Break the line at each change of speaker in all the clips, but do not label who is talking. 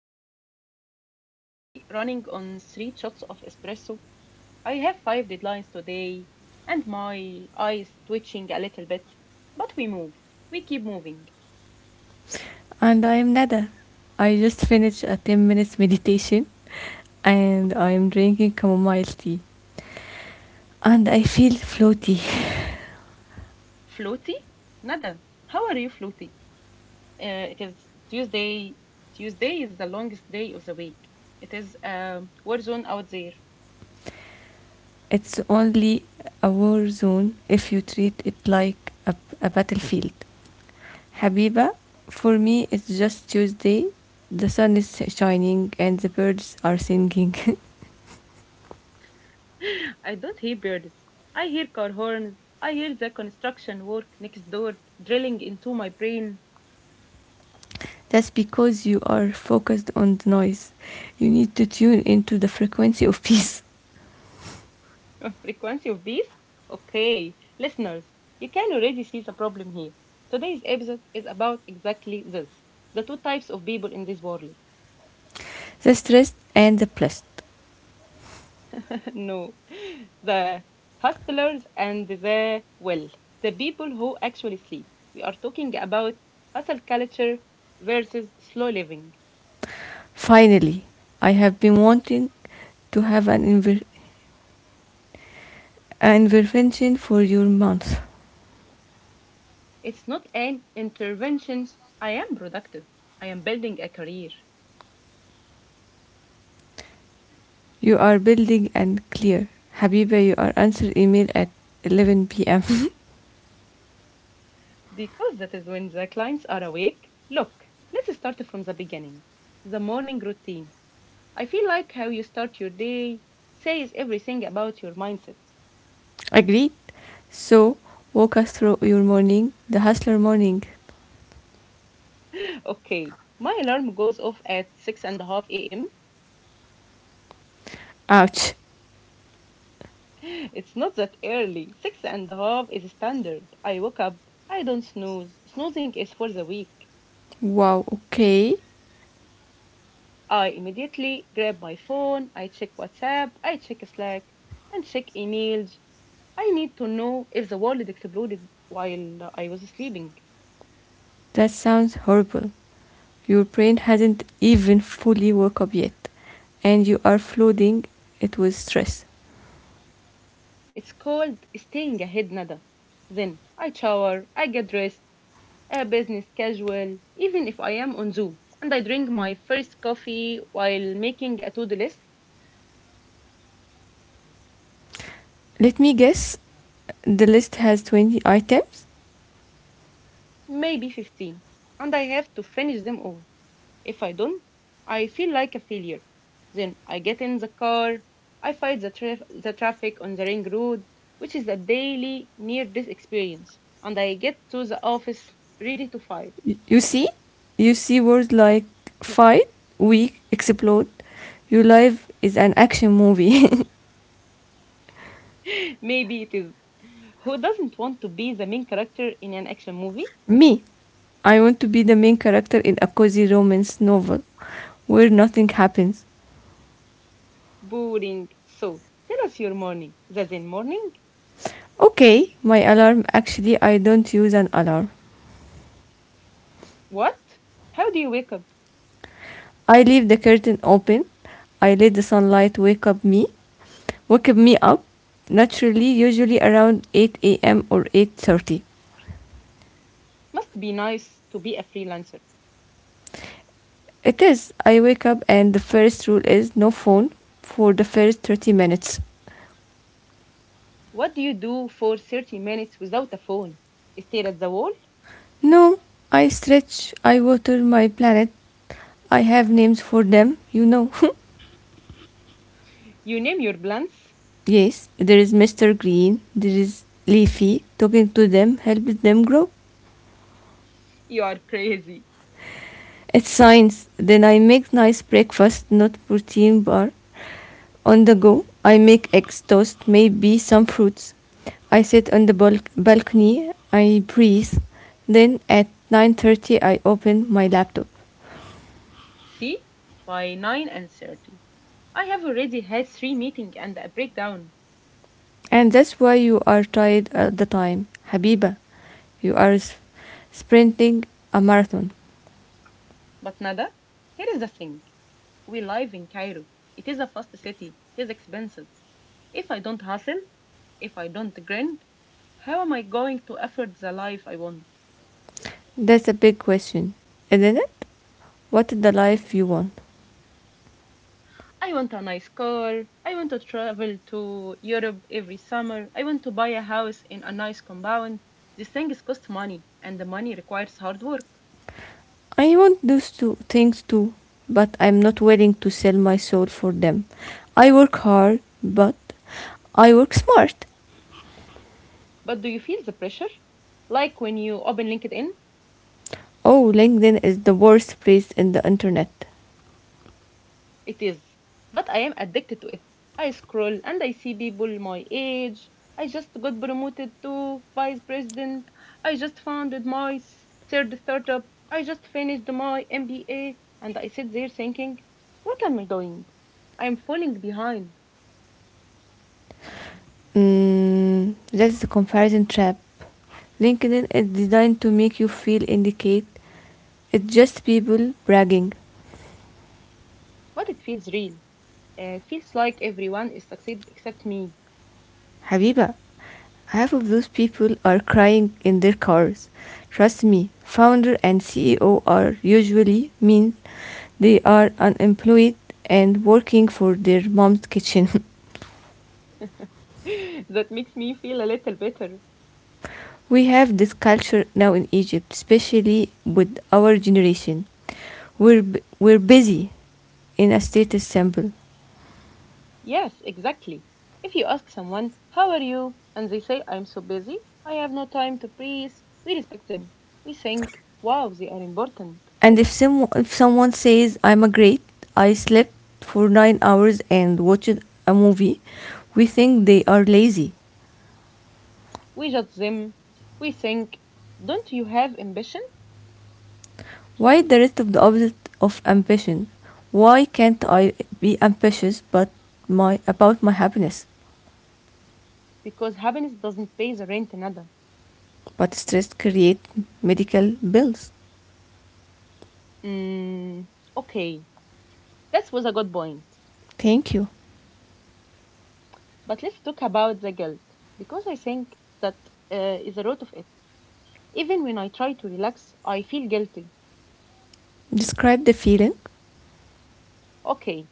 Habiba. I am currently running on three shots of espresso. I have five deadlines today, and my eyes twitching a little bit. But we move. We keep moving.
And I am Nada. I just finished a 10 minutes meditation and I am drinking chamomile tea. And I feel floaty.
Floaty? Nada. How are you, Floaty? It is Tuesday. Tuesday is the longest day of the week. It is a war zone out there.
It's only a war zone if you treat it like a battlefield. Habiba, for me it's just Tuesday. The sun is shining and the birds are singing.
I don't hear birds. I hear car horns. I hear the construction work next door drilling into my brain.
That's because you are focused on the noise. You need to tune into the frequency of peace,
Frequency of bees? Okay, listeners, you can already see the problem here. Today's episode is about exactly this, the two types of people in this world.
the stress, and the blessed.
No, the hustlers and the, well, the people who actually sleep. We are talking about hustle culture versus slow living.
Finally, I have been wanting to have an intervention for your month.
It's not an intervention. I am productive. I am building a career.
You are building and clear. Habiba, you are answer email at 11 p.m.
Because that is when the clients are awake. Look, let's start from the beginning. The morning routine. I feel like how you start your day says everything about your mindset.
Agreed? So, Walk us through your morning, the hustler morning.
Okay, my alarm goes off at six and a half a.m.
Ouch.
It's not that early. Six and a half is standard. I woke up. I don't snooze. Snoozing is for the weak.
Wow, okay.
I immediately grab my phone, I check WhatsApp, I check Slack, and check emails. I need to know if the world exploded while I was sleeping.
That sounds horrible. Your brain hasn't even fully woke up yet, and you are flooding it with stress.
It's called staying ahead, Nada. Then I shower, I get dressed, a business casual, even if I am on Zoom, and I drink my first coffee while making a to do list,
Let me guess, the list has 20 items?
maybe 15, and I have to finish them all. If I don't, I feel like a failure. Then I get in the car, I fight the, the traffic on the ring road, which is a daily near this experience, and I get to the office ready to fight.
You see? You see words like fight, weak, explode. Your life is an action movie.
Maybe it is. Who doesn't want to be the main character in an action movie?
Me. I want to be the main character in a cozy romance novel where nothing happens.
Boring. So, tell us your morning. The Zen morning?
Okay, my alarm actually I don't use an alarm.
What? How do you wake up?
I leave the curtain open. I let the sunlight wake up me, wake me up naturally usually around 8 a.m. or 8:30.
Must be nice to be a freelancer.
It is. I wake up and the first rule is no phone for the first 30 minutes.
What do you do for 30 minutes without a phone? Stare at the wall?
No, I stretch, I water my planet. I have names for them,
You name your blunts.
Yes, there is Mr. Green, there is Leafy. Talking to them helps them grow.
You are crazy.
It's science. Then I make nice breakfast, not protein bar. On the go, I make eggs toast, maybe some fruits. I sit on the balcony, I breathe. Then at 9:30 I open my laptop.
See, by 9:30, I have already had three meetings and a breakdown.
And that's why you are tired all the time, Habiba. You are sprinting a marathon.
But nada, here is the thing: we live in Cairo. It is a fast city. It is expensive. If I don't hustle, if I don't grind, how am I going to afford the life I want?
That's a big question, isn't it? What is the life you want?
I want a nice car. I want to travel to Europe every summer. I want to buy a house in a nice compound. These things cost money, and the money requires hard work.
I want those two things too, but I'm not willing to sell my soul for them. I work hard, but I work smart.
But do you feel the pressure? Like when you open LinkedIn?
Oh, LinkedIn is the worst place in the internet.
It is. But I am addicted to it. I scroll and I see people my age. I just got promoted to vice president. I just founded my third startup. I just finished my MBA. And I sit there thinking, what am I doing? I'm falling behind.
That's the comparison trap. LinkedIn is designed to make you feel indicate it's just people bragging.
But it feels real. It feels like everyone is succeeding except me.
Habiba, half of those people are crying in their cars. Trust me, founder and CEO are usually mean they are unemployed and working for their mom's kitchen.
That makes me feel a little better.
We have this culture now in Egypt, especially with our generation. We're we're busy in a status symbol,
Yes, exactly. If you ask someone, how are you? And they say, I'm so busy, I have no time to breathe, we respect them. We think, wow, they are important.
and if someone says I'm a great, I slept for 9 hours and watched a movie, we think they are lazy.
We judge them. We think, don't you have ambition?
Why the rest of the opposite of ambition? Why can't I be ambitious but my about my happiness?
Because happiness doesn't pay the rent another.
But stress create medical bills.
Mm, okay, that was a good point.
Thank you.
But let's talk about the guilt, because I think that is the root of it. Even when I try to relax, I feel guilty.
Describe the feeling.
Okay,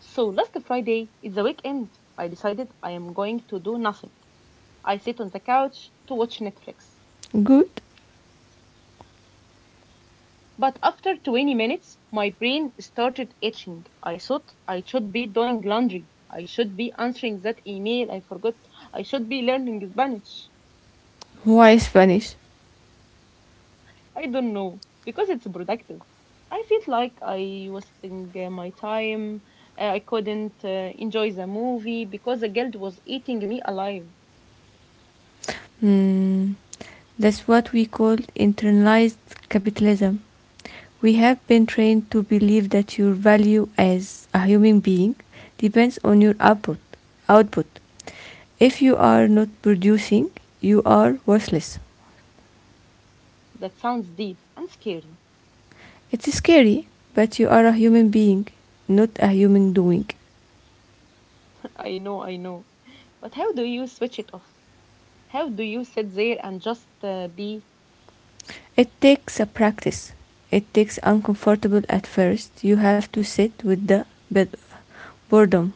so last Friday, it's the weekend, I decided I am going to do nothing. I sit on the couch to watch Netflix.
Good.
But after 20 minutes, my brain started itching. I thought I should be doing laundry. I should be answering that email I forgot. I should be learning Spanish.
Why Spanish?
I don't know, because it's productive. I felt like I was wasting my time. I couldn't enjoy the movie because the guilt was eating me alive.
Hmm, that's what we call internalized capitalism. We have been trained to believe that your value as a human being depends on your output. Output. If you are not producing, you are worthless.
That sounds deep and scary.
It's scary, but you are a human being, not a human doing.
I know, I know. But how do you switch it off? How do you sit there and just be?
It takes a practice. It takes uncomfortable at first. You have to sit with the boredom.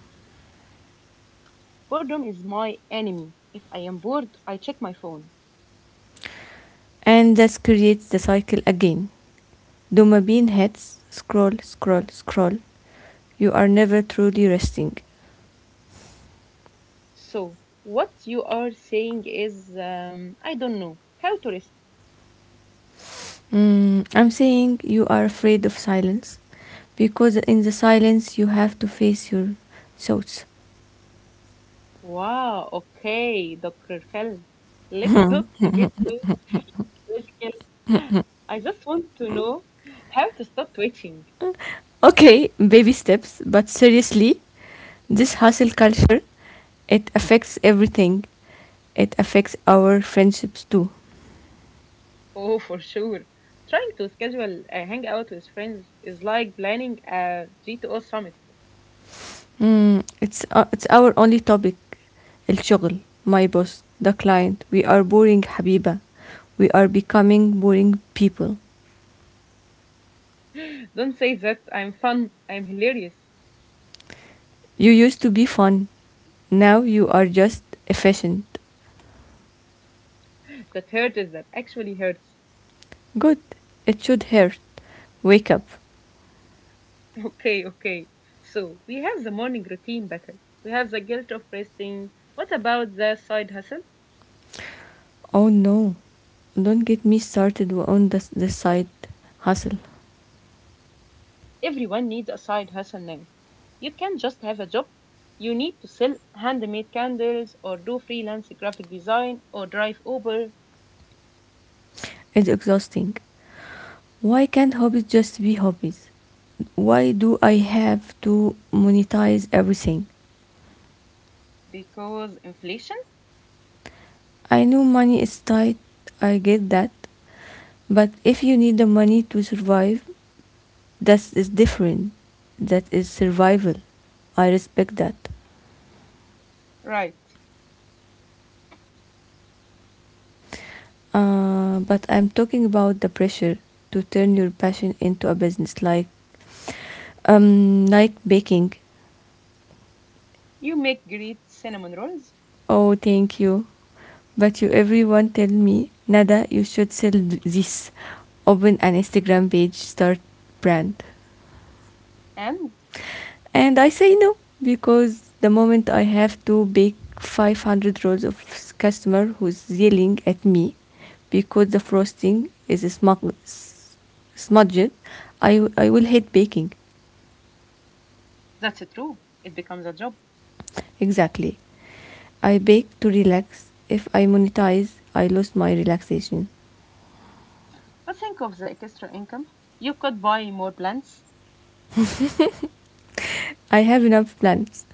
Boredom is my enemy. If I am bored, I check my phone.
And this creates the cycle again. Dopamine hits, scroll, scroll, scroll. You are never truly resting.
So, what you are saying is, I don't know how to rest.
I'm saying you are afraid of silence because in the silence you have to face your thoughts.
Wow, okay, Dr. Fell. Let's not to get too logical. I just want to know how to stop twitching.
Okay, baby steps, but seriously, this hustle culture, it affects everything. It affects our friendships too.
Oh, for sure. Trying to schedule a hangout with friends is like planning a G2O summit.
It's our only topic, الشغل, my boss, the client. We are boring, Habiba. We are becoming boring people.
Don't say that, I'm fun, I'm hilarious.
You used to be fun. Now you are just efficient.
That actually hurts.
Good. It should hurt. Wake up.
Okay, okay. So we have the morning routine battle. We have the guilt of resting. What about the side hustle?
Oh no. Don't get me started on the side hustle.
Everyone needs a side hustle now. You can't just have a job. You need to sell handmade candles or do freelance graphic design or drive Uber
It's exhausting. Why can't hobbies just be hobbies? Why do I have to monetize everything?
because inflation?
I know money is tight. I get that. But if you need the money to survive, that is different. That is survival. I respect that.
Right.
But I'm talking about the pressure to turn your passion into a business, like baking.
You make great cinnamon rolls.
Oh, thank you. But you, everyone, tell me, Nada, you should sell this. Open an Instagram page, start brand.
And
And I say no because the moment I have to bake 500 rolls of customer who's yelling at me because the frosting is smudged, I will hate baking.
that's true. It becomes a job.
Exactly. I bake to relax. If I monetize, I lose my relaxation.
But think of the extra income. You could buy more plants.
I have enough plans.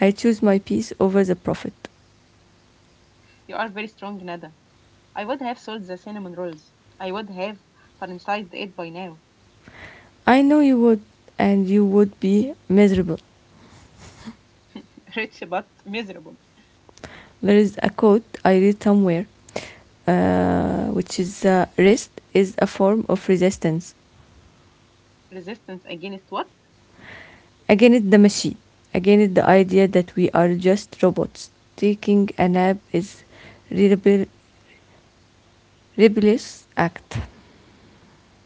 I choose my peace over the profit.
You are very strong, Nada. I would have sold the cinnamon rolls. I would have franchised it by now.
I know you would, and you would be miserable.
Rich but miserable.
There is a quote I read somewhere, which is rest is a form of resistance.
Resistance against what?
Again, it's the machine. Again, it's the idea that we are just robots. Taking a nap is a rebellious act.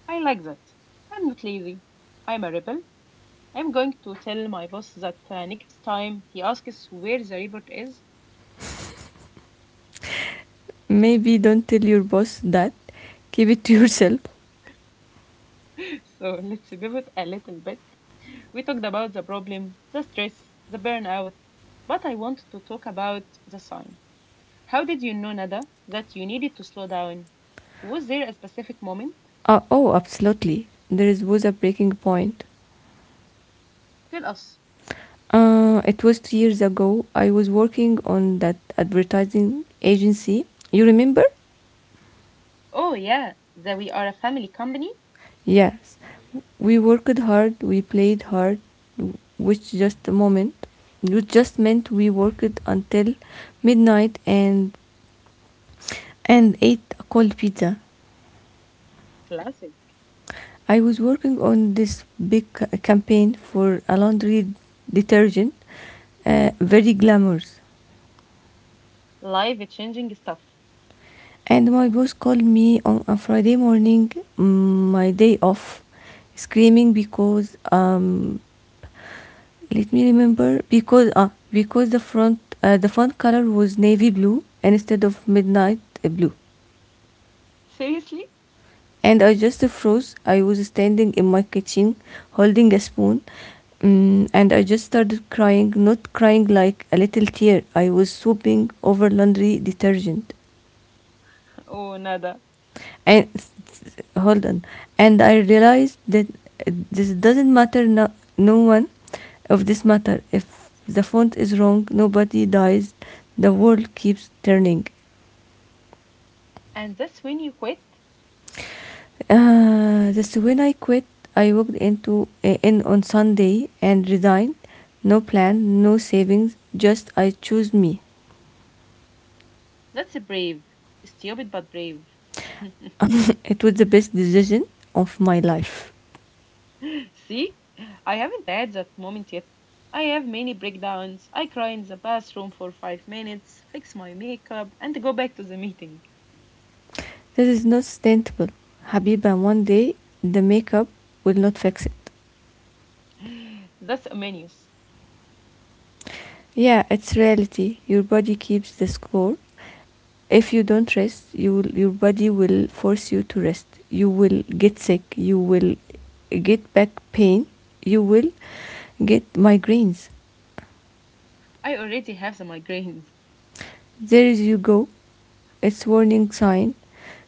I like that. I'm not lazy. I'm a rebel. I'm going to tell my boss that next time he asks where the report is.
Maybe don't tell your boss that. Keep it to yourself.
So let's pivot a little bit. We talked about the problem, the stress, the burnout, but I want to talk about the sign. How did you know, Nada, that you needed to slow down? Was there a specific moment?
Oh, Absolutely. Was a breaking point.
Tell us.
It was two years ago. I was working on that advertising agency. You remember?
Oh, yeah, that we are a family company.
Yes. We worked hard, we played hard, which just a moment. It just meant we worked until midnight and ate a cold pizza.
Classic.
I was working on this big campaign for a laundry detergent, very glamorous.
Live changing stuff.
And my boss called me on a Friday morning, my day off, screaming because let me remember because because the front the font color was navy blue instead of midnight blue.
Seriously?
And I just froze. I was standing in my kitchen holding a spoon and I just started crying, not crying like a little tear. I was sobbing over laundry detergent.
Oh, Nada.
And hold on. And I realized that this doesn't matter, no, no one of this matter. If the font is wrong, nobody dies, the world keeps turning.
And that's when you quit?
Just when I quit, I walked into in on Sunday and resigned. No plan, no savings, just I chose me.
That's brave. Stupid but brave.
It was the best decision of my life.
See? I haven't had that moment yet. I have many breakdowns. I cry in the bathroom for 5 minutes, fix my makeup, and go back to the meeting.
This is not sustainable. Habiba, one day the makeup will not fix it.
That's a menace.
Yeah, it's reality. Your body keeps the score. If you don't rest, your body will force you to rest. You will get sick. You will get back pain. You will get migraines.
I already have the migraines.
There you go. It's warning sign.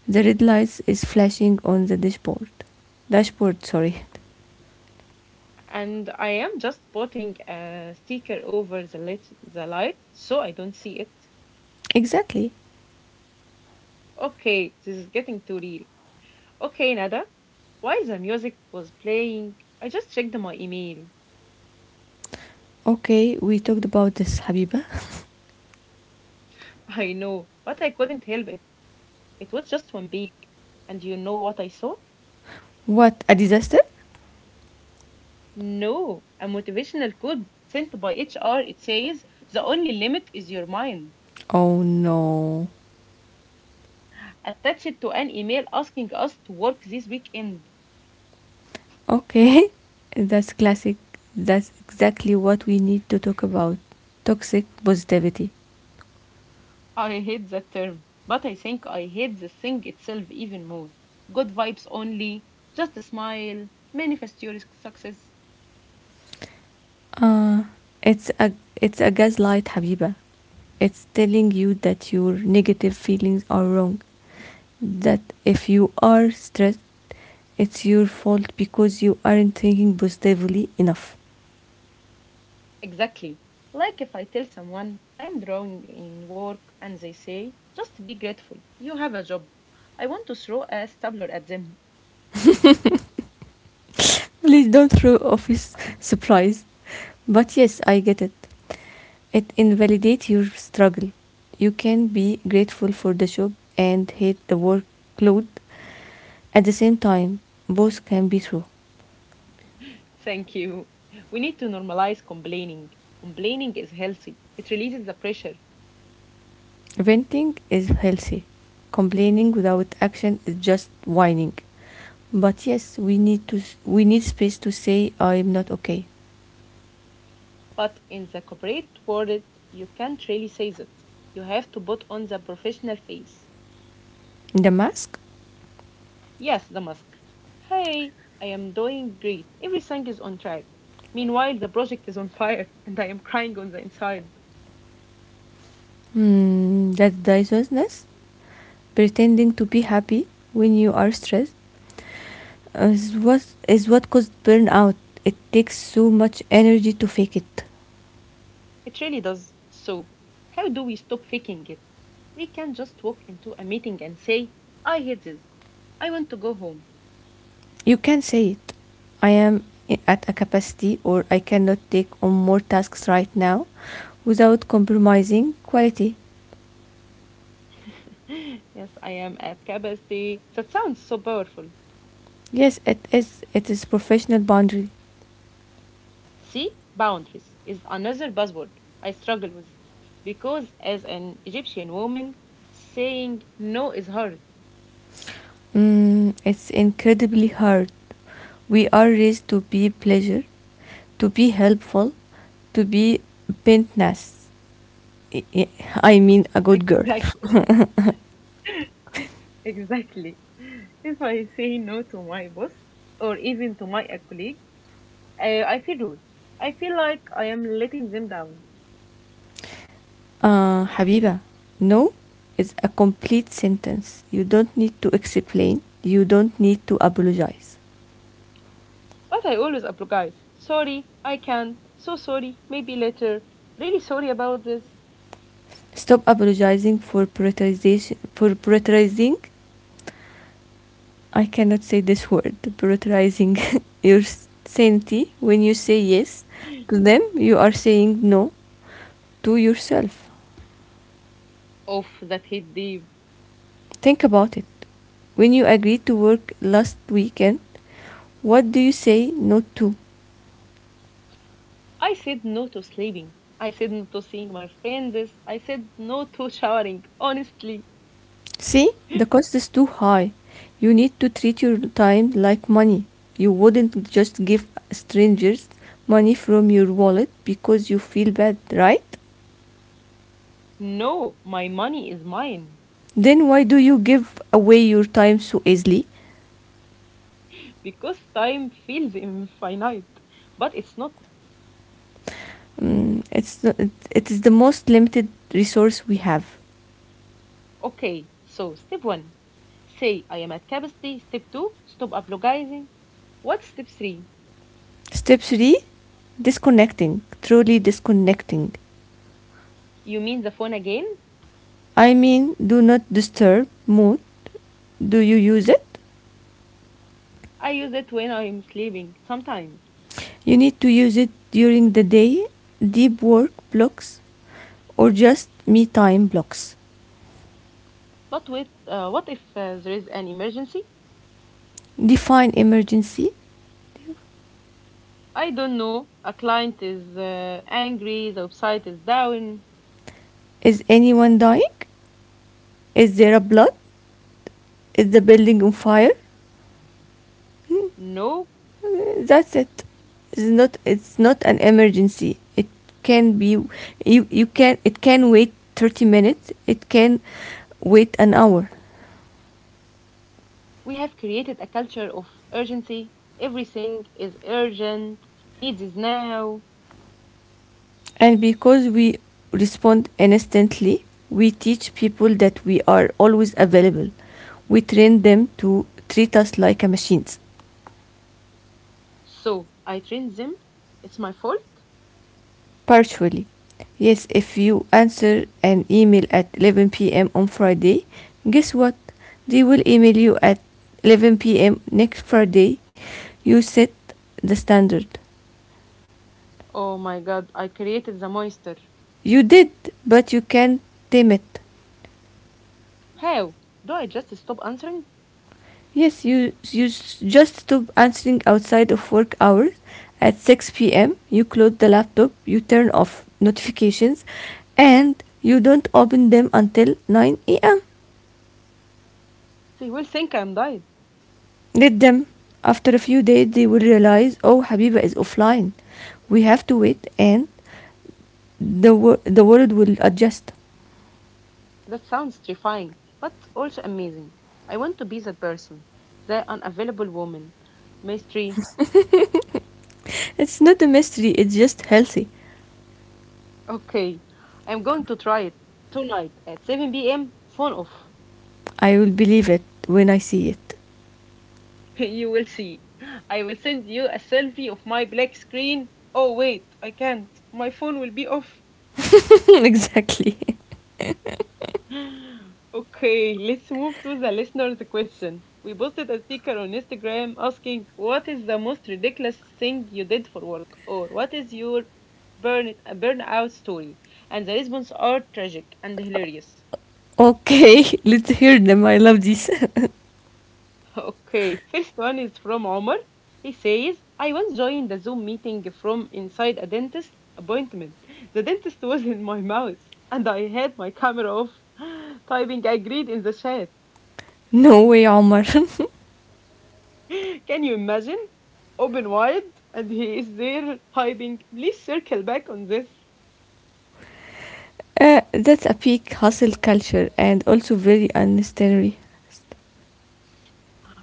The red lights is flashing on the dashboard. Dashboard, sorry.
And I am just putting a sticker over the light so I don't see it.
Exactly.
Okay, this is getting too real. Okay, Nada, while the music was playing, I just checked my email.
Okay, we talked about this, Habiba.
I know, but I couldn't help it. It was just one week. And you know what I saw?
What, a disaster?
No, a motivational quote sent by HR. It says, the only limit is your mind.
Oh no.
Attached to an email asking us to work this weekend.
Okay, that's classic. That's exactly what we need to talk about. Toxic positivity.
I hate that term, but I think I hate the thing itself even more. Good vibes only, just smile, manifest your success.
Uh, it's a gaslight, Habiba. It's telling you that your negative feelings are wrong. That if you are stressed, it's your fault because you aren't thinking positively enough.
Exactly. Like if I tell someone I am drawing in work and they say, just be grateful, you have a job. I want to throw a stapler at them.
Please don't throw office supplies. But yes, I get it. It invalidates your struggle. You can be grateful for the job and hate the workload at the same time. Both can be true.
Thank you. We need to normalize complaining. Complaining is healthy, it releases the pressure.
Venting is healthy. Complaining without action is just whining. But yes, we need space to say I'm not okay.
But in the corporate world, you can't really say that. You have to put on the professional face.
The mask?
Yes, the mask. Hey, I am doing great. Everything is on track. Meanwhile, the project is on fire and I am crying on the inside.
Hmm, that disousness? Pretending to be happy when you are stressed is what is what caused burnout. It takes so much energy to fake it.
It really does. So, how do we stop faking it? We can just walk into a meeting and say, I hate this. I want to go home.
You can say it. I am at a capacity or I cannot take on more tasks right now without compromising quality.
Yes, I am at capacity. That sounds so powerful.
Yes, it is professional boundary.
See, boundaries is another buzzword I struggle with because as an Egyptian woman, saying no is hard.
It's incredibly hard. We are raised to be pleasure, to be helpful, to be pentness. I- I mean a good girl.
Exactly. Exactly. If I say no to my boss or even to my colleague, I feel rude. I feel like I am letting them down.
Habiba, no is a complete sentence. You don't need to explain. You don't need to apologize.
But I always apologize. Sorry, I can't. So sorry, maybe later. Really sorry about this.
Stop apologizing for prioritization for prioritizing. I cannot say this word. Prioritizing your sanity when you say yes to them, you are saying no to yourself.
Of that hit deep.
Think about it. When you agreed to work last weekend, what do you say no to?
I said no to sleeping. I said no to seeing my friends. I said no to showering. Honestly,
See, the cost is too high. You need to treat your time like money. You wouldn't just give strangers money from your wallet because you feel bad, right?
no, my money is mine
Then why do you give away your time so easily?
because time feels infinite. But it's not.
Mm, it's the, it is the most limited resource we have.
Okay, so step one, say I am at capacity. Step two, stop apologizing. What's step three?
Step 3 disconnecting, truly disconnecting.
You mean the phone again?
I mean, do not disturb mode. Do you use it?
I use it when I'm sleeping, sometimes.
You need to use it during the day, deep work blocks, or just me time blocks.
But what if there is an emergency?
Define emergency.
I don't know. A client is angry, the website is down.
Is anyone dying? Is there a blood? Is the building on fire?
No,
That's it. It's not an emergency. It can be you you can it can wait 30 minutes. It can wait an hour.
we have created a culture of urgency. Everything is urgent, needs is now.
And because we respond instantly, we teach people that we are always available. We train them to treat us like machines.
So I train them. It's my fault.
Partially. Yes, if you answer an email at 11 p.m. on Friday, guess what? They will email you at 11 p.m. next Friday. You set the standard.
Oh my god, I created the monster.
You did, but you can't tame it.
How? Do I just stop answering?
Yes, you just stop answering outside of work hours. At 6 p.m., you close the laptop, you turn off notifications, and you don't open them until 9 a.m.
They will think I'm dying.
Let them. After a few days, they will realize, oh, Habiba is offline. We have to wait, and the world will adjust.
That sounds terrifying, but also amazing. I want to be that person, the unavailable woman. Mystery.
It's not a mystery. It's just healthy.
Okay, I'm going to try it tonight at 7 p.m. Phone off.
I will believe it when I see it.
You will see. I will send you a selfie of my black screen. Oh, wait, I can't. My phone will be off.
Exactly.
Okay, let's move to the listener's question. We posted a sticker on Instagram asking, what is the most ridiculous thing you did for work? Or what is your burnout story? And the responses are tragic and hilarious.
Okay, let's hear them. I love this.
Okay, first one is from Omar. He says, I once joined a Zoom meeting from inside a dentist appointment. The dentist was in my mouth, and I had my camera off, typing agreed in the chat.
No way, Omar.
Can you imagine? Open wide, and he is there typing, please circle back on this.
That's a peak hustle culture and also very unnecessary.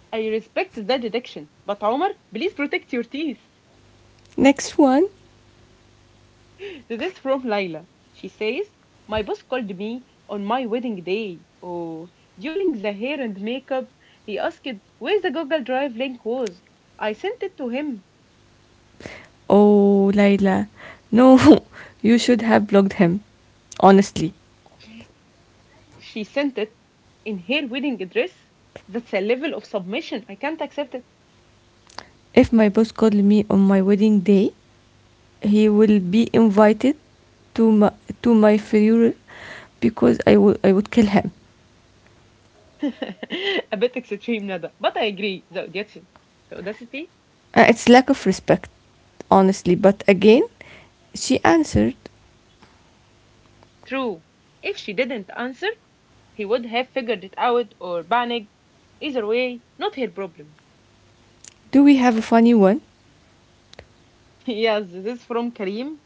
I respect that detection, but Omar, please protect your teeth.
Next one.
This is from Laila. She says, my boss called me on my wedding day. Oh, during the hair and makeup, he asked where the Google Drive link was. I sent it to him.
Oh, Layla. No, you should have blocked him. Honestly.
She sent it in her wedding dress. That's a level of submission I can't accept it.
If my boss called me on my wedding day, he will be invited to my, to my funeral because I would kill him.
A bit extreme, Nada, but I agree. The audacity. The audacity?
It's lack of respect, honestly. But again, she answered,
True. If she didn't answer, he would have figured it out or panicked. Either way, not her problem.
"Do we have a funny one?
Yes, this is from Karim.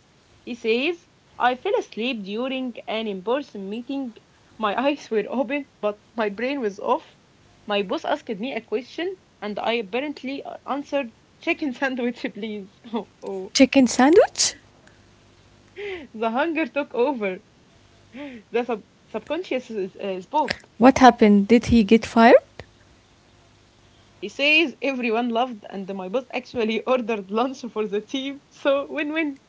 He says, I fell asleep during an in person meeting. My eyes were open, but my brain was off. My boss asked me a question, and I apparently answered, chicken sandwich, please. Oh, oh.
Chicken sandwich?
The hunger took over. The subconscious is, spoke.
What happened? Did he get fired?
He says everyone loved, and my boss actually ordered lunch for the team, so win win.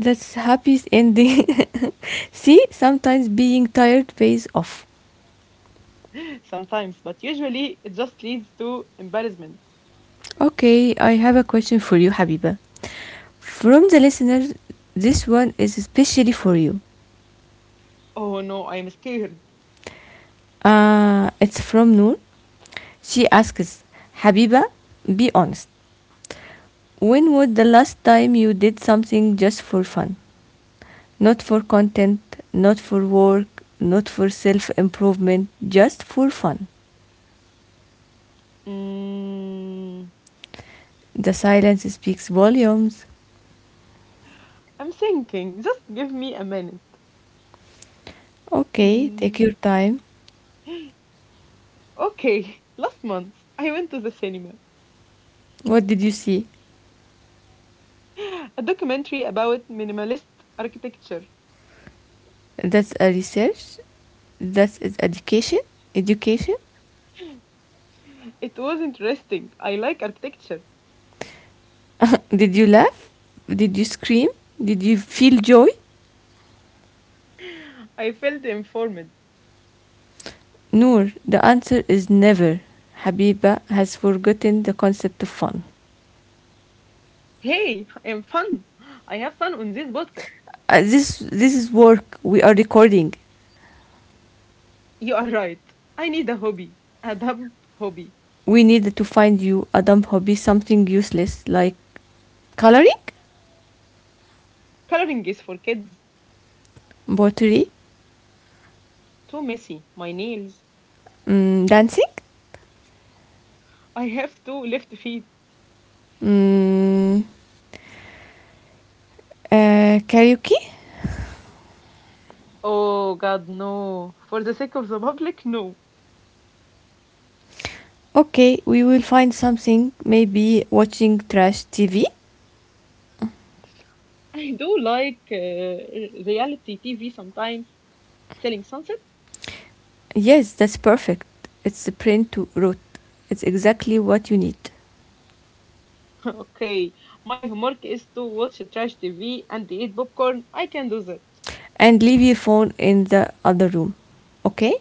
That's happy ending. See, sometimes being tired pays off."
Sometimes, but usually it just leads to embarrassment.
Okay, I have a question for you, Habiba. From the listeners, this one is especially for you.
Oh no, I'm scared.
It's from Noor. She asks, Habiba, be honest. When was the last time you did something just for fun? Not for content, not for work, not for self improvement, just for fun.
Mm,
The silence speaks volumes.
I'm thinking, just give me a minute.
Okay, take
Mm.
your time.
Okay, last month I went to the cinema.
What did you see?
A documentary about minimalist architecture.
That's a research? That's is education? Education?
It was interesting. I like architecture.
Did you laugh? Did you scream? Did you feel joy?
I felt informed.
Noor, the answer is never. Habiba has forgotten the concept of fun.
Hey, I'm fun. I have fun on this podcast.
This is work. We are recording.
You are right. I need a hobby. A dumb hobby.
We needed to find you a dumb hobby, something useless like coloring,
Coloring is for kids.
pottery,
Too messy. My nails.
dancing,
I have two left feet.
mm, karaoke.
Oh god, no. For the sake of the public, no.
Okay, we will find something. Maybe watching trash TV.
I do like reality TV sometimes. Selling Sunset?
Yes, that's perfect. It's the print to root. It's exactly what you need.
Okay. My homework is to watch trash TV and eat popcorn. I can do that.
And leave your phone in the other room. Okay?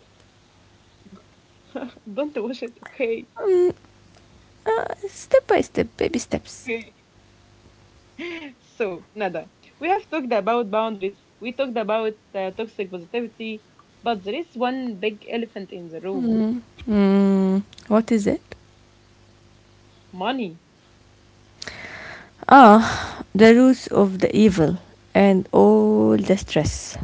Don't watch it, okay?
Mm, step by step, baby steps.
Okay. So, Nada, we have talked about boundaries, we talked about toxic positivity, but there is one big elephant in the room:
Mm, mm, what is it?
money.
Ah, the roots of the evil and all the stress.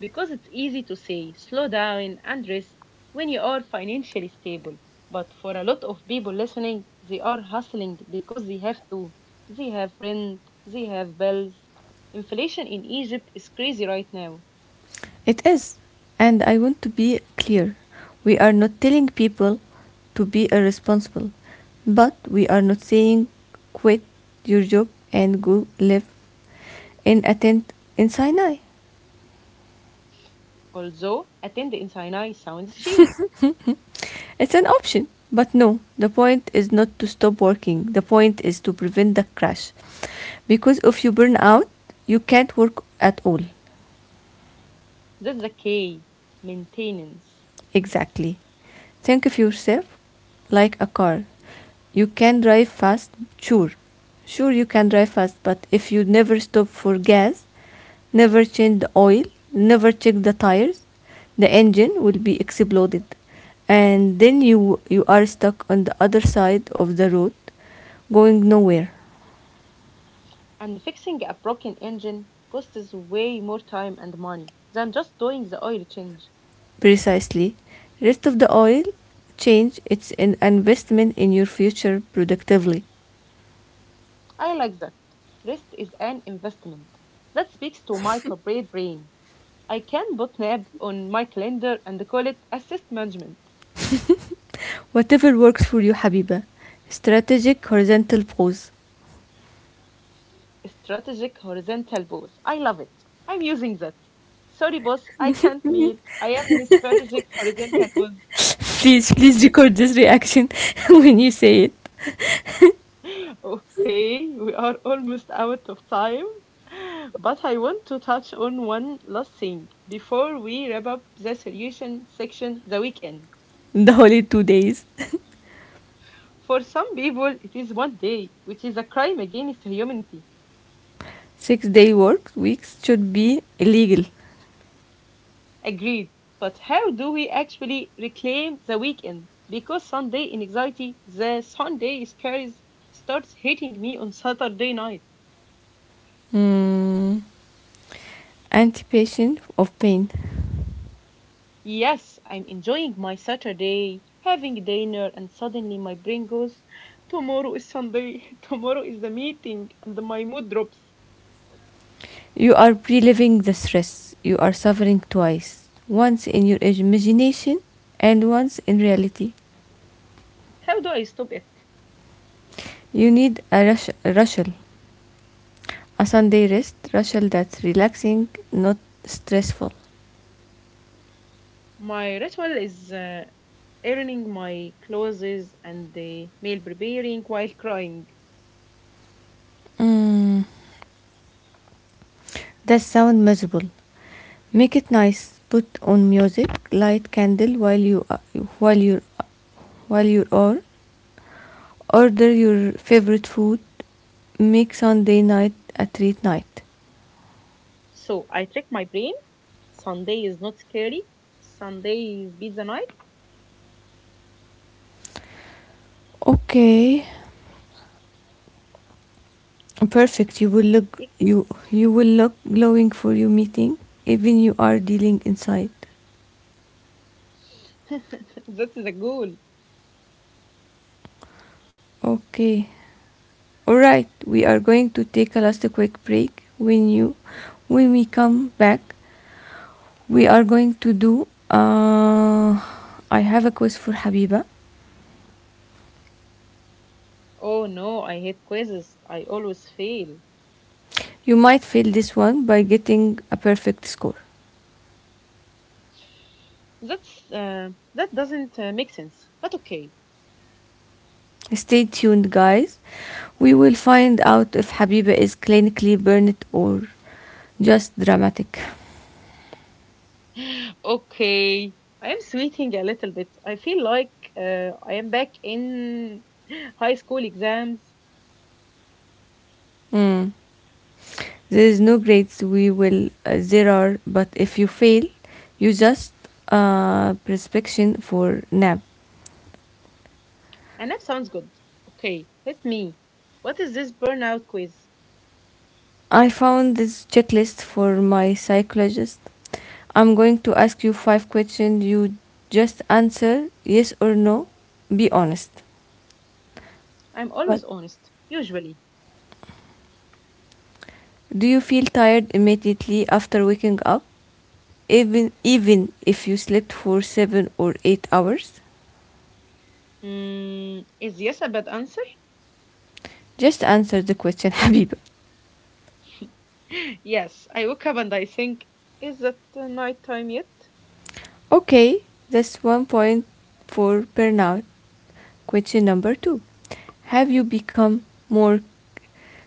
Because it's easy to say slow down and rest when you are financially stable. But for a lot of people listening, they are hustling because they have to. They have rent, they have bills. Inflation in Egypt is crazy right now.
It is. And I want to be clear. We are not telling people to be irresponsible, but we are not saying quit your job and go live in a tent in Sinai.
Although attend in Sinai sounds cheap,
It's an option. But no, the point is not to stop working. The point is to prevent the crash. Because if you burn out, you can't work at all.
that's the K maintenance.
Exactly. Think of yourself like a car. You can drive fast, sure. Sure, you can drive fast, but if you never stop for gas, never change the oil, never check the tires. The engine will be exploded, and then you are stuck on the other side of the road, going nowhere.
And fixing a broken engine costs way more time and money than just doing the oil change.
Precisely, rest of the oil change. It's an investment in your future productively.
I like that. Rest is an investment. That speaks to my corporate brain. I can put nap on my calendar and call it assist management.
Whatever works for you, Habiba. Strategic horizontal pose.
Strategic horizontal boss. I love it. I'm using that. Sorry, boss, I can't meet. I am in a strategic horizontal boss.
Please, please record this reaction when you say it.
Okay, we are almost out of time, but I want to touch on one last thing before we wrap up the solution section: the weekend.
The holy 2 days.
For some people, it is one day, which is a crime against humanity.
6 day work weeks should be illegal.
Agreed. But how do we actually reclaim the weekend? Because Sunday in anxiety, the Sunday scares starts hitting me on Saturday night.
Mm, anticipation of pain.
Yes, I'm enjoying my Saturday, having dinner, and suddenly my brain goes, tomorrow is Sunday, tomorrow is the meeting, and my mood drops.
You are reliving the stress. You are suffering twice once in your imagination and once in reality.
How do I stop it?
You need a a Sunday rushel that's relaxing, not stressful.
My ritual is ironing my clothes and the meal preparing while crying.
Mm. That sound miserable. Make it nice. Put on music, light candle while you while you are order your favorite food. Make Sunday night a treat night.
So I trick my brain. Sunday is not scary. Sunday is pizza night.
Okay, perfect. You will look glowing for your meeting, even you are dealing inside.
That's the goal.
Okay. All right. We are going to take a last quick break. When we come back, we are going to do. I have a quiz for Habiba.
Oh no, I hate quizzes. I always fail.
You might fail this one by getting a perfect score.
That's that doesn't make sense, but okay.
Stay tuned, guys. We will find out if Habiba is clinically burned or just dramatic.
Okay, I am sweating a little bit. I feel like I am back in high school exams.
Hmm. There is no grades we will there are, but if you fail, you just prescription for nap.
And that sounds good. Okay, let me. What is this burnout quiz?
I found this checklist for my psychologist. I'm going to ask you 5 questions. You just answer yes or no. Be honest.
I'm
But
always honest, usually.
do you feel tired immediately after waking up? Even if you slept for 7 or 8 hours?
Is yes a bad answer?
Just answer the question, Habiba.
Yes, I woke up and I think, is that night time yet?
Okay, that's 1 point for burnout. Question number two. Have you become more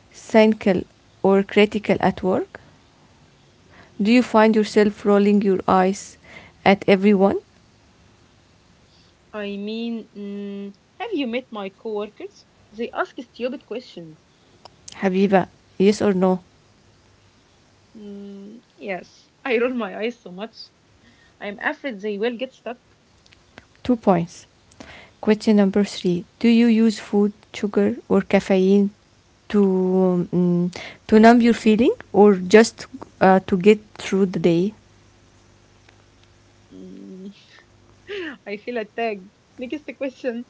cynical or critical at work? Do you find yourself rolling your eyes at everyone?
I mean, have you met my coworkers? They ask stupid questions.
Habiba, yes or no?
Mm, yes, I roll my eyes so much. I'm afraid they will get stuck.
2 points. Question number three. Do you use food, sugar, or caffeine to, to numb your feeling or just to get through the day?
Mm, I feel attacked. Next question.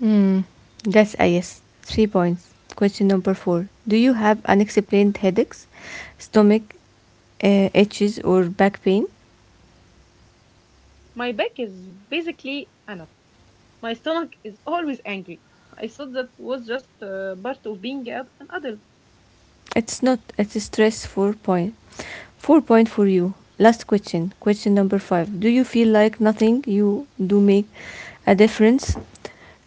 Hmm. That's IS. 3 points. Question number four. Do you have unexplained headaches, stomach itches, or back pain?
My back is basically a nut. My stomach is always angry. I thought that was just part of being an adult.
It's not. It's a stress 4 point. 4 point for you. Last question. Question number five. Do you feel like nothing you do make a difference?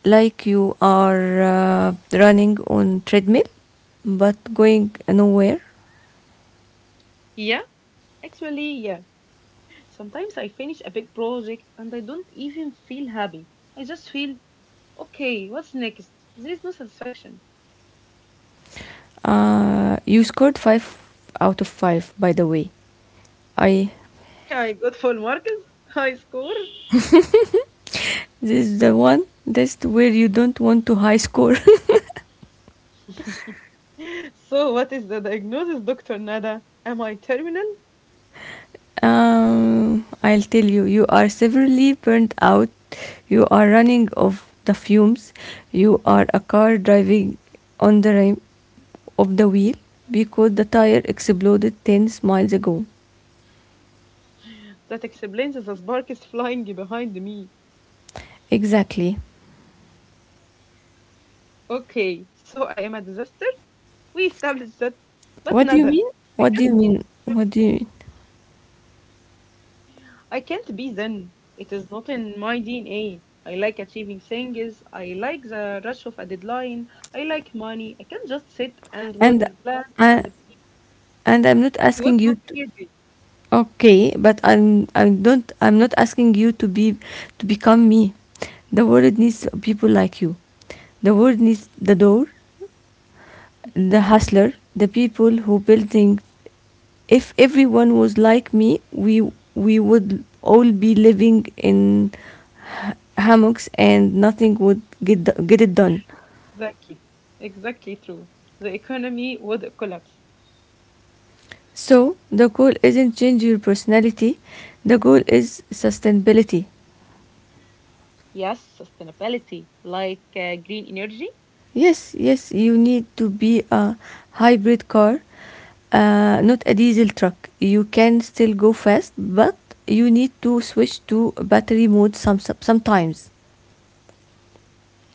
Like you are running on treadmill, but going nowhere.
Yeah, actually, yeah. Sometimes I finish a big project and I don't even feel happy. I just feel, okay, what's next? There is no satisfaction.
You scored 5 out of 5. By the way, I.
I got full marks. High score.
This is the one. That's where you don't want to high score.
So, what is the diagnosis, Dr. Nada? Am I terminal?
I'll tell you. You are severely burnt out. You are running of the fumes. You are a car driving on the rim of the wheel because the tire exploded 10 miles ago.
That explains the spark is flying behind me.
Exactly.
Okay, so I am a disaster? We established that. But
What do you
Nada,
mean?
I
What do
can't,
you mean? What do you mean?
I can't be. Then it is not in my DNA. I like achieving things. I like the rush of a deadline. I like money. I can't just sit and
And
water plants and
I,
it
and I'm not
would
asking
go
you to.
crazy.
Okay, but I'm I don't I'm not asking you to be to become me. The world needs people like you. The world needs the door, the hustler, the people who build things. If everyone was like me, we would all be living in hammocks and nothing would get it done.
Exactly. Exactly true. The economy would collapse.
So the goal isn't change your personality. The goal is sustainability.
Yes, sustainability, like green energy.
Yes, yes, you need to be a hybrid car, not a diesel truck. You can still go fast, but you need to switch to battery mode sometimes.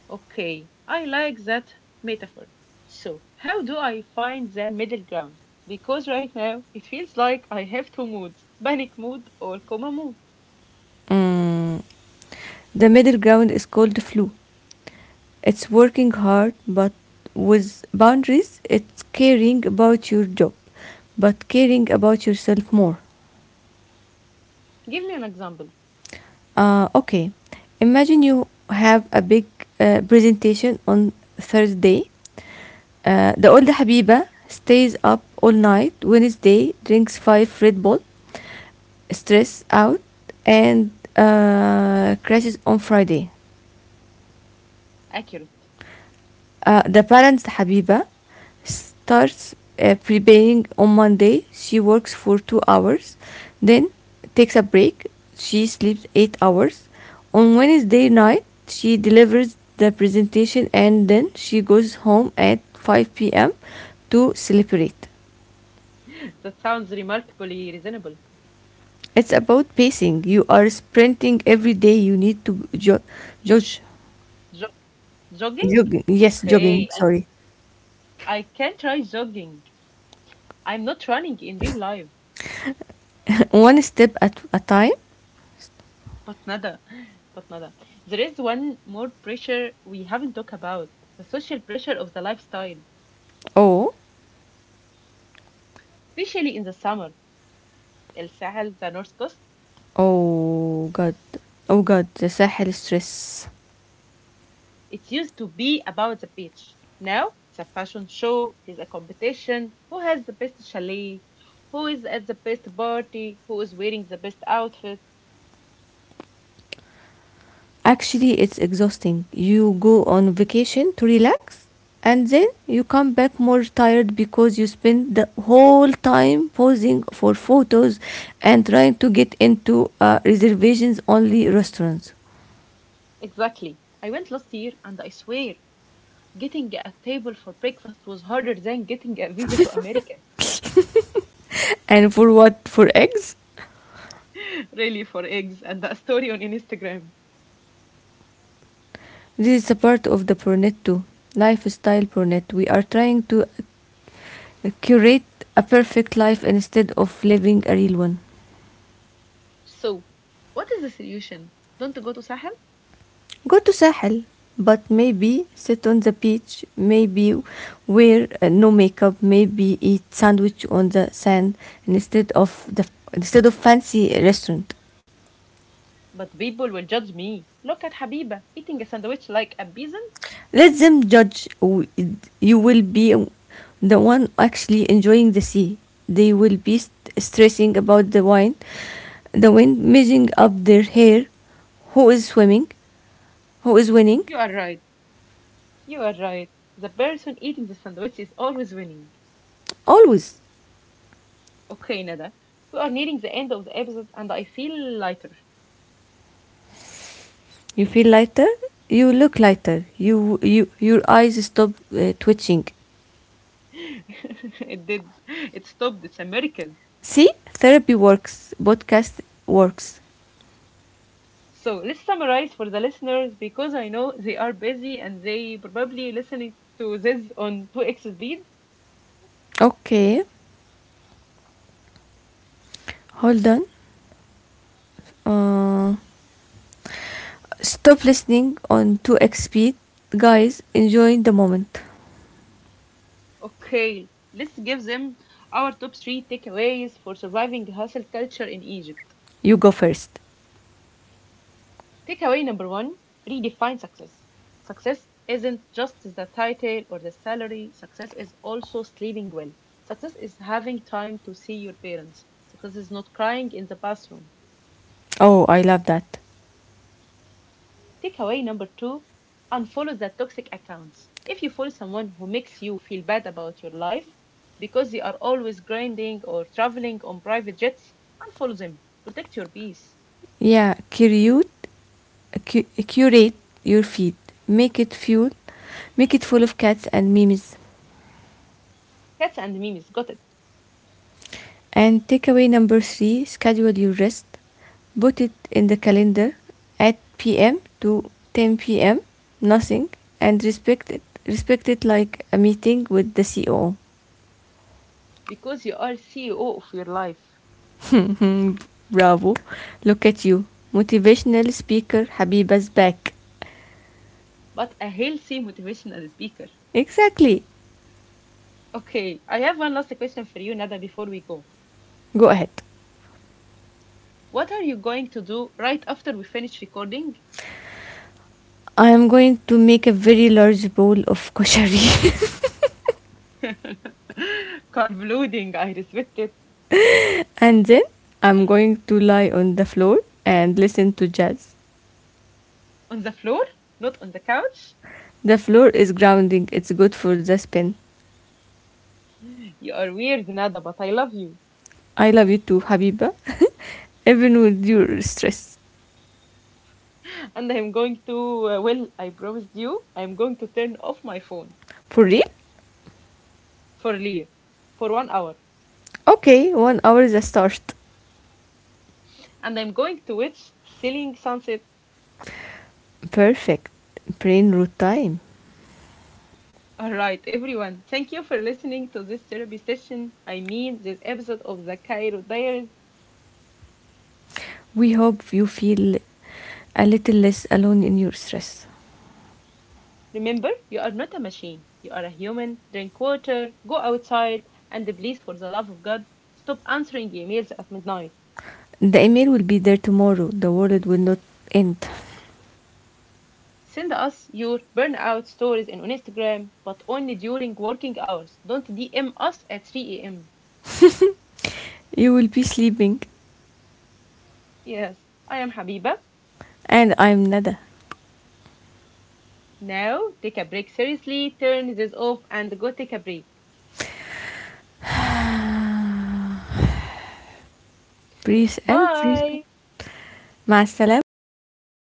Okay, I like that metaphor. So, how do I find the middle ground? Because right now it feels like I have two moods: panic mood or coma mood.
Mm. The middle ground is called flu. It's working hard, but with boundaries, it's caring about your job, but caring about yourself more.
Give me an example.
Okay, imagine you have a big presentation on Thursday. The old Habiba stays up all night Wednesday, drinks 5 Red Bull, stress out, and crashes on Friday.
Accurate.
The parents Habiba starts preparing on Monday. She works for 2 hours, then takes a break. She sleeps 8 hours. On Wednesday night, she delivers the presentation and then she goes home at 5 p.m. to celebrate.
That sounds remarkably reasonable.
It's about pacing. You are sprinting every day. You need to judge.
Jo- jogging?
Jogging. Yes,
Okay,
jogging.
I,
Sorry.
I can try jogging. I'm not running in real life,
One step at a time.
But nada, but Nada, there is one more pressure we haven't talked about: the social pressure of the lifestyle,
Oh,
especially in the summer. El Sahel, the North Coast,
oh God. Oh God, the Sahel stress.
it used to be about the beach. Now it's a fashion show, it is a competition. Who has the best chalet? Who is at the best party? Who is wearing the best outfit?
Actually, it's exhausting. You go on vacation to relax and then you come back more tired because you spend the whole time posing for photos and trying to get into reservations only restaurants.
Exactly. I went last year and I swear, getting a table for breakfast was harder than getting a visa to America.
And for what? For eggs?
Really, for eggs and a story on Instagram.
This is a part of the Purnetto, lifestyle Purnetto. We are trying to curate a perfect life instead of living a real one.
So, what is the solution? Don't go to Sahel?
Go to Sahel, but maybe sit on the beach, maybe wear no makeup, maybe eat sandwich on the sand instead of fancy restaurant.
But people will judge me. Look at Habiba eating a sandwich like a peasant.
Let them judge. You will be the one actually enjoying the sea. They will be stressing about the wind measuring up their hair. Who is swimming? Who is winning?
You are right. You are right. The person eating the sandwich is always winning.
Always.
Okay, Nada. We are nearing the end of the episode and I feel lighter.
You feel lighter. You look lighter. You your eyes stop twitching.
It did. It stopped. It's a miracle.
See, therapy works. Podcast works.
So let's summarize for the listeners because I know they are busy and they probably listening to this on 2x speed.
Okay, hold on. Uh, Stop listening on 2x speed. Guys, enjoy the moment.
Okay, let's give them our top three takeaways for surviving hustle culture in Egypt.
You go first.
Takeaway number one: redefine success. Success isn't just the title or the salary, success is also sleeping well. Success is having time to see your parents. Success is not crying in the bathroom.
Oh, I love that.
Takeaway number two: unfollow the toxic accounts. If you follow someone who makes you feel bad about your life because they are always grinding or traveling on private jets, unfollow them. Protect your peace.
Yeah, curate your feed. Make it fuel. Make it full of cats and memes.
Cats and memes, got it.
And takeaway number three: schedule your rest. Put it in the calendar at p.m. to 10 p.m. Nothing, and respect it. Respect it like a meeting with the CEO.
Because you are CEO of your life,
Bravo. Look at you. Motivational speaker Habiba's back.
but a healthy motivational speaker.
Exactly.
Okay, I have one last question for you, Nada, before we go.
Go ahead.
What are you going to do right after we finish recording?
I am going to make a very large bowl of koshari
Carb loading, I respect it.
and then I'm going to lie on the floor and listen to jazz.
On the floor, not on the couch?
The floor is grounding, it's good for the spin.
You are weird, Nada, but I love you.
I love you too, Habiba. Even with your stress.
And I'm going to, well, I promised you, I'm going to turn off my phone
For real?
for Leah for one hour.
Okay, 1 hour is a start.
And I'm going to watch Selling Sunset.
Perfect. Brain root time.
All right, everyone, thank you for listening to this therapy session. I mean, this episode of the Cairo Diaries.
We hope you feel a little less alone in your stress.
Remember, you are not a machine, you are a human. Drink water, go outside, and please, for the love of God, stop answering emails at midnight.
The email will be there tomorrow. The world will not end.
Send us your burnout stories in on Instagram, but only during working hours. Don't DM us at 3 a.m.
You will be sleeping.
Yes, I am Habiba.
And I'm Nada.
Now, take a break seriously, turn this off, and go take a break.
Breathe and breathe Ma
Bye!
مع السلامة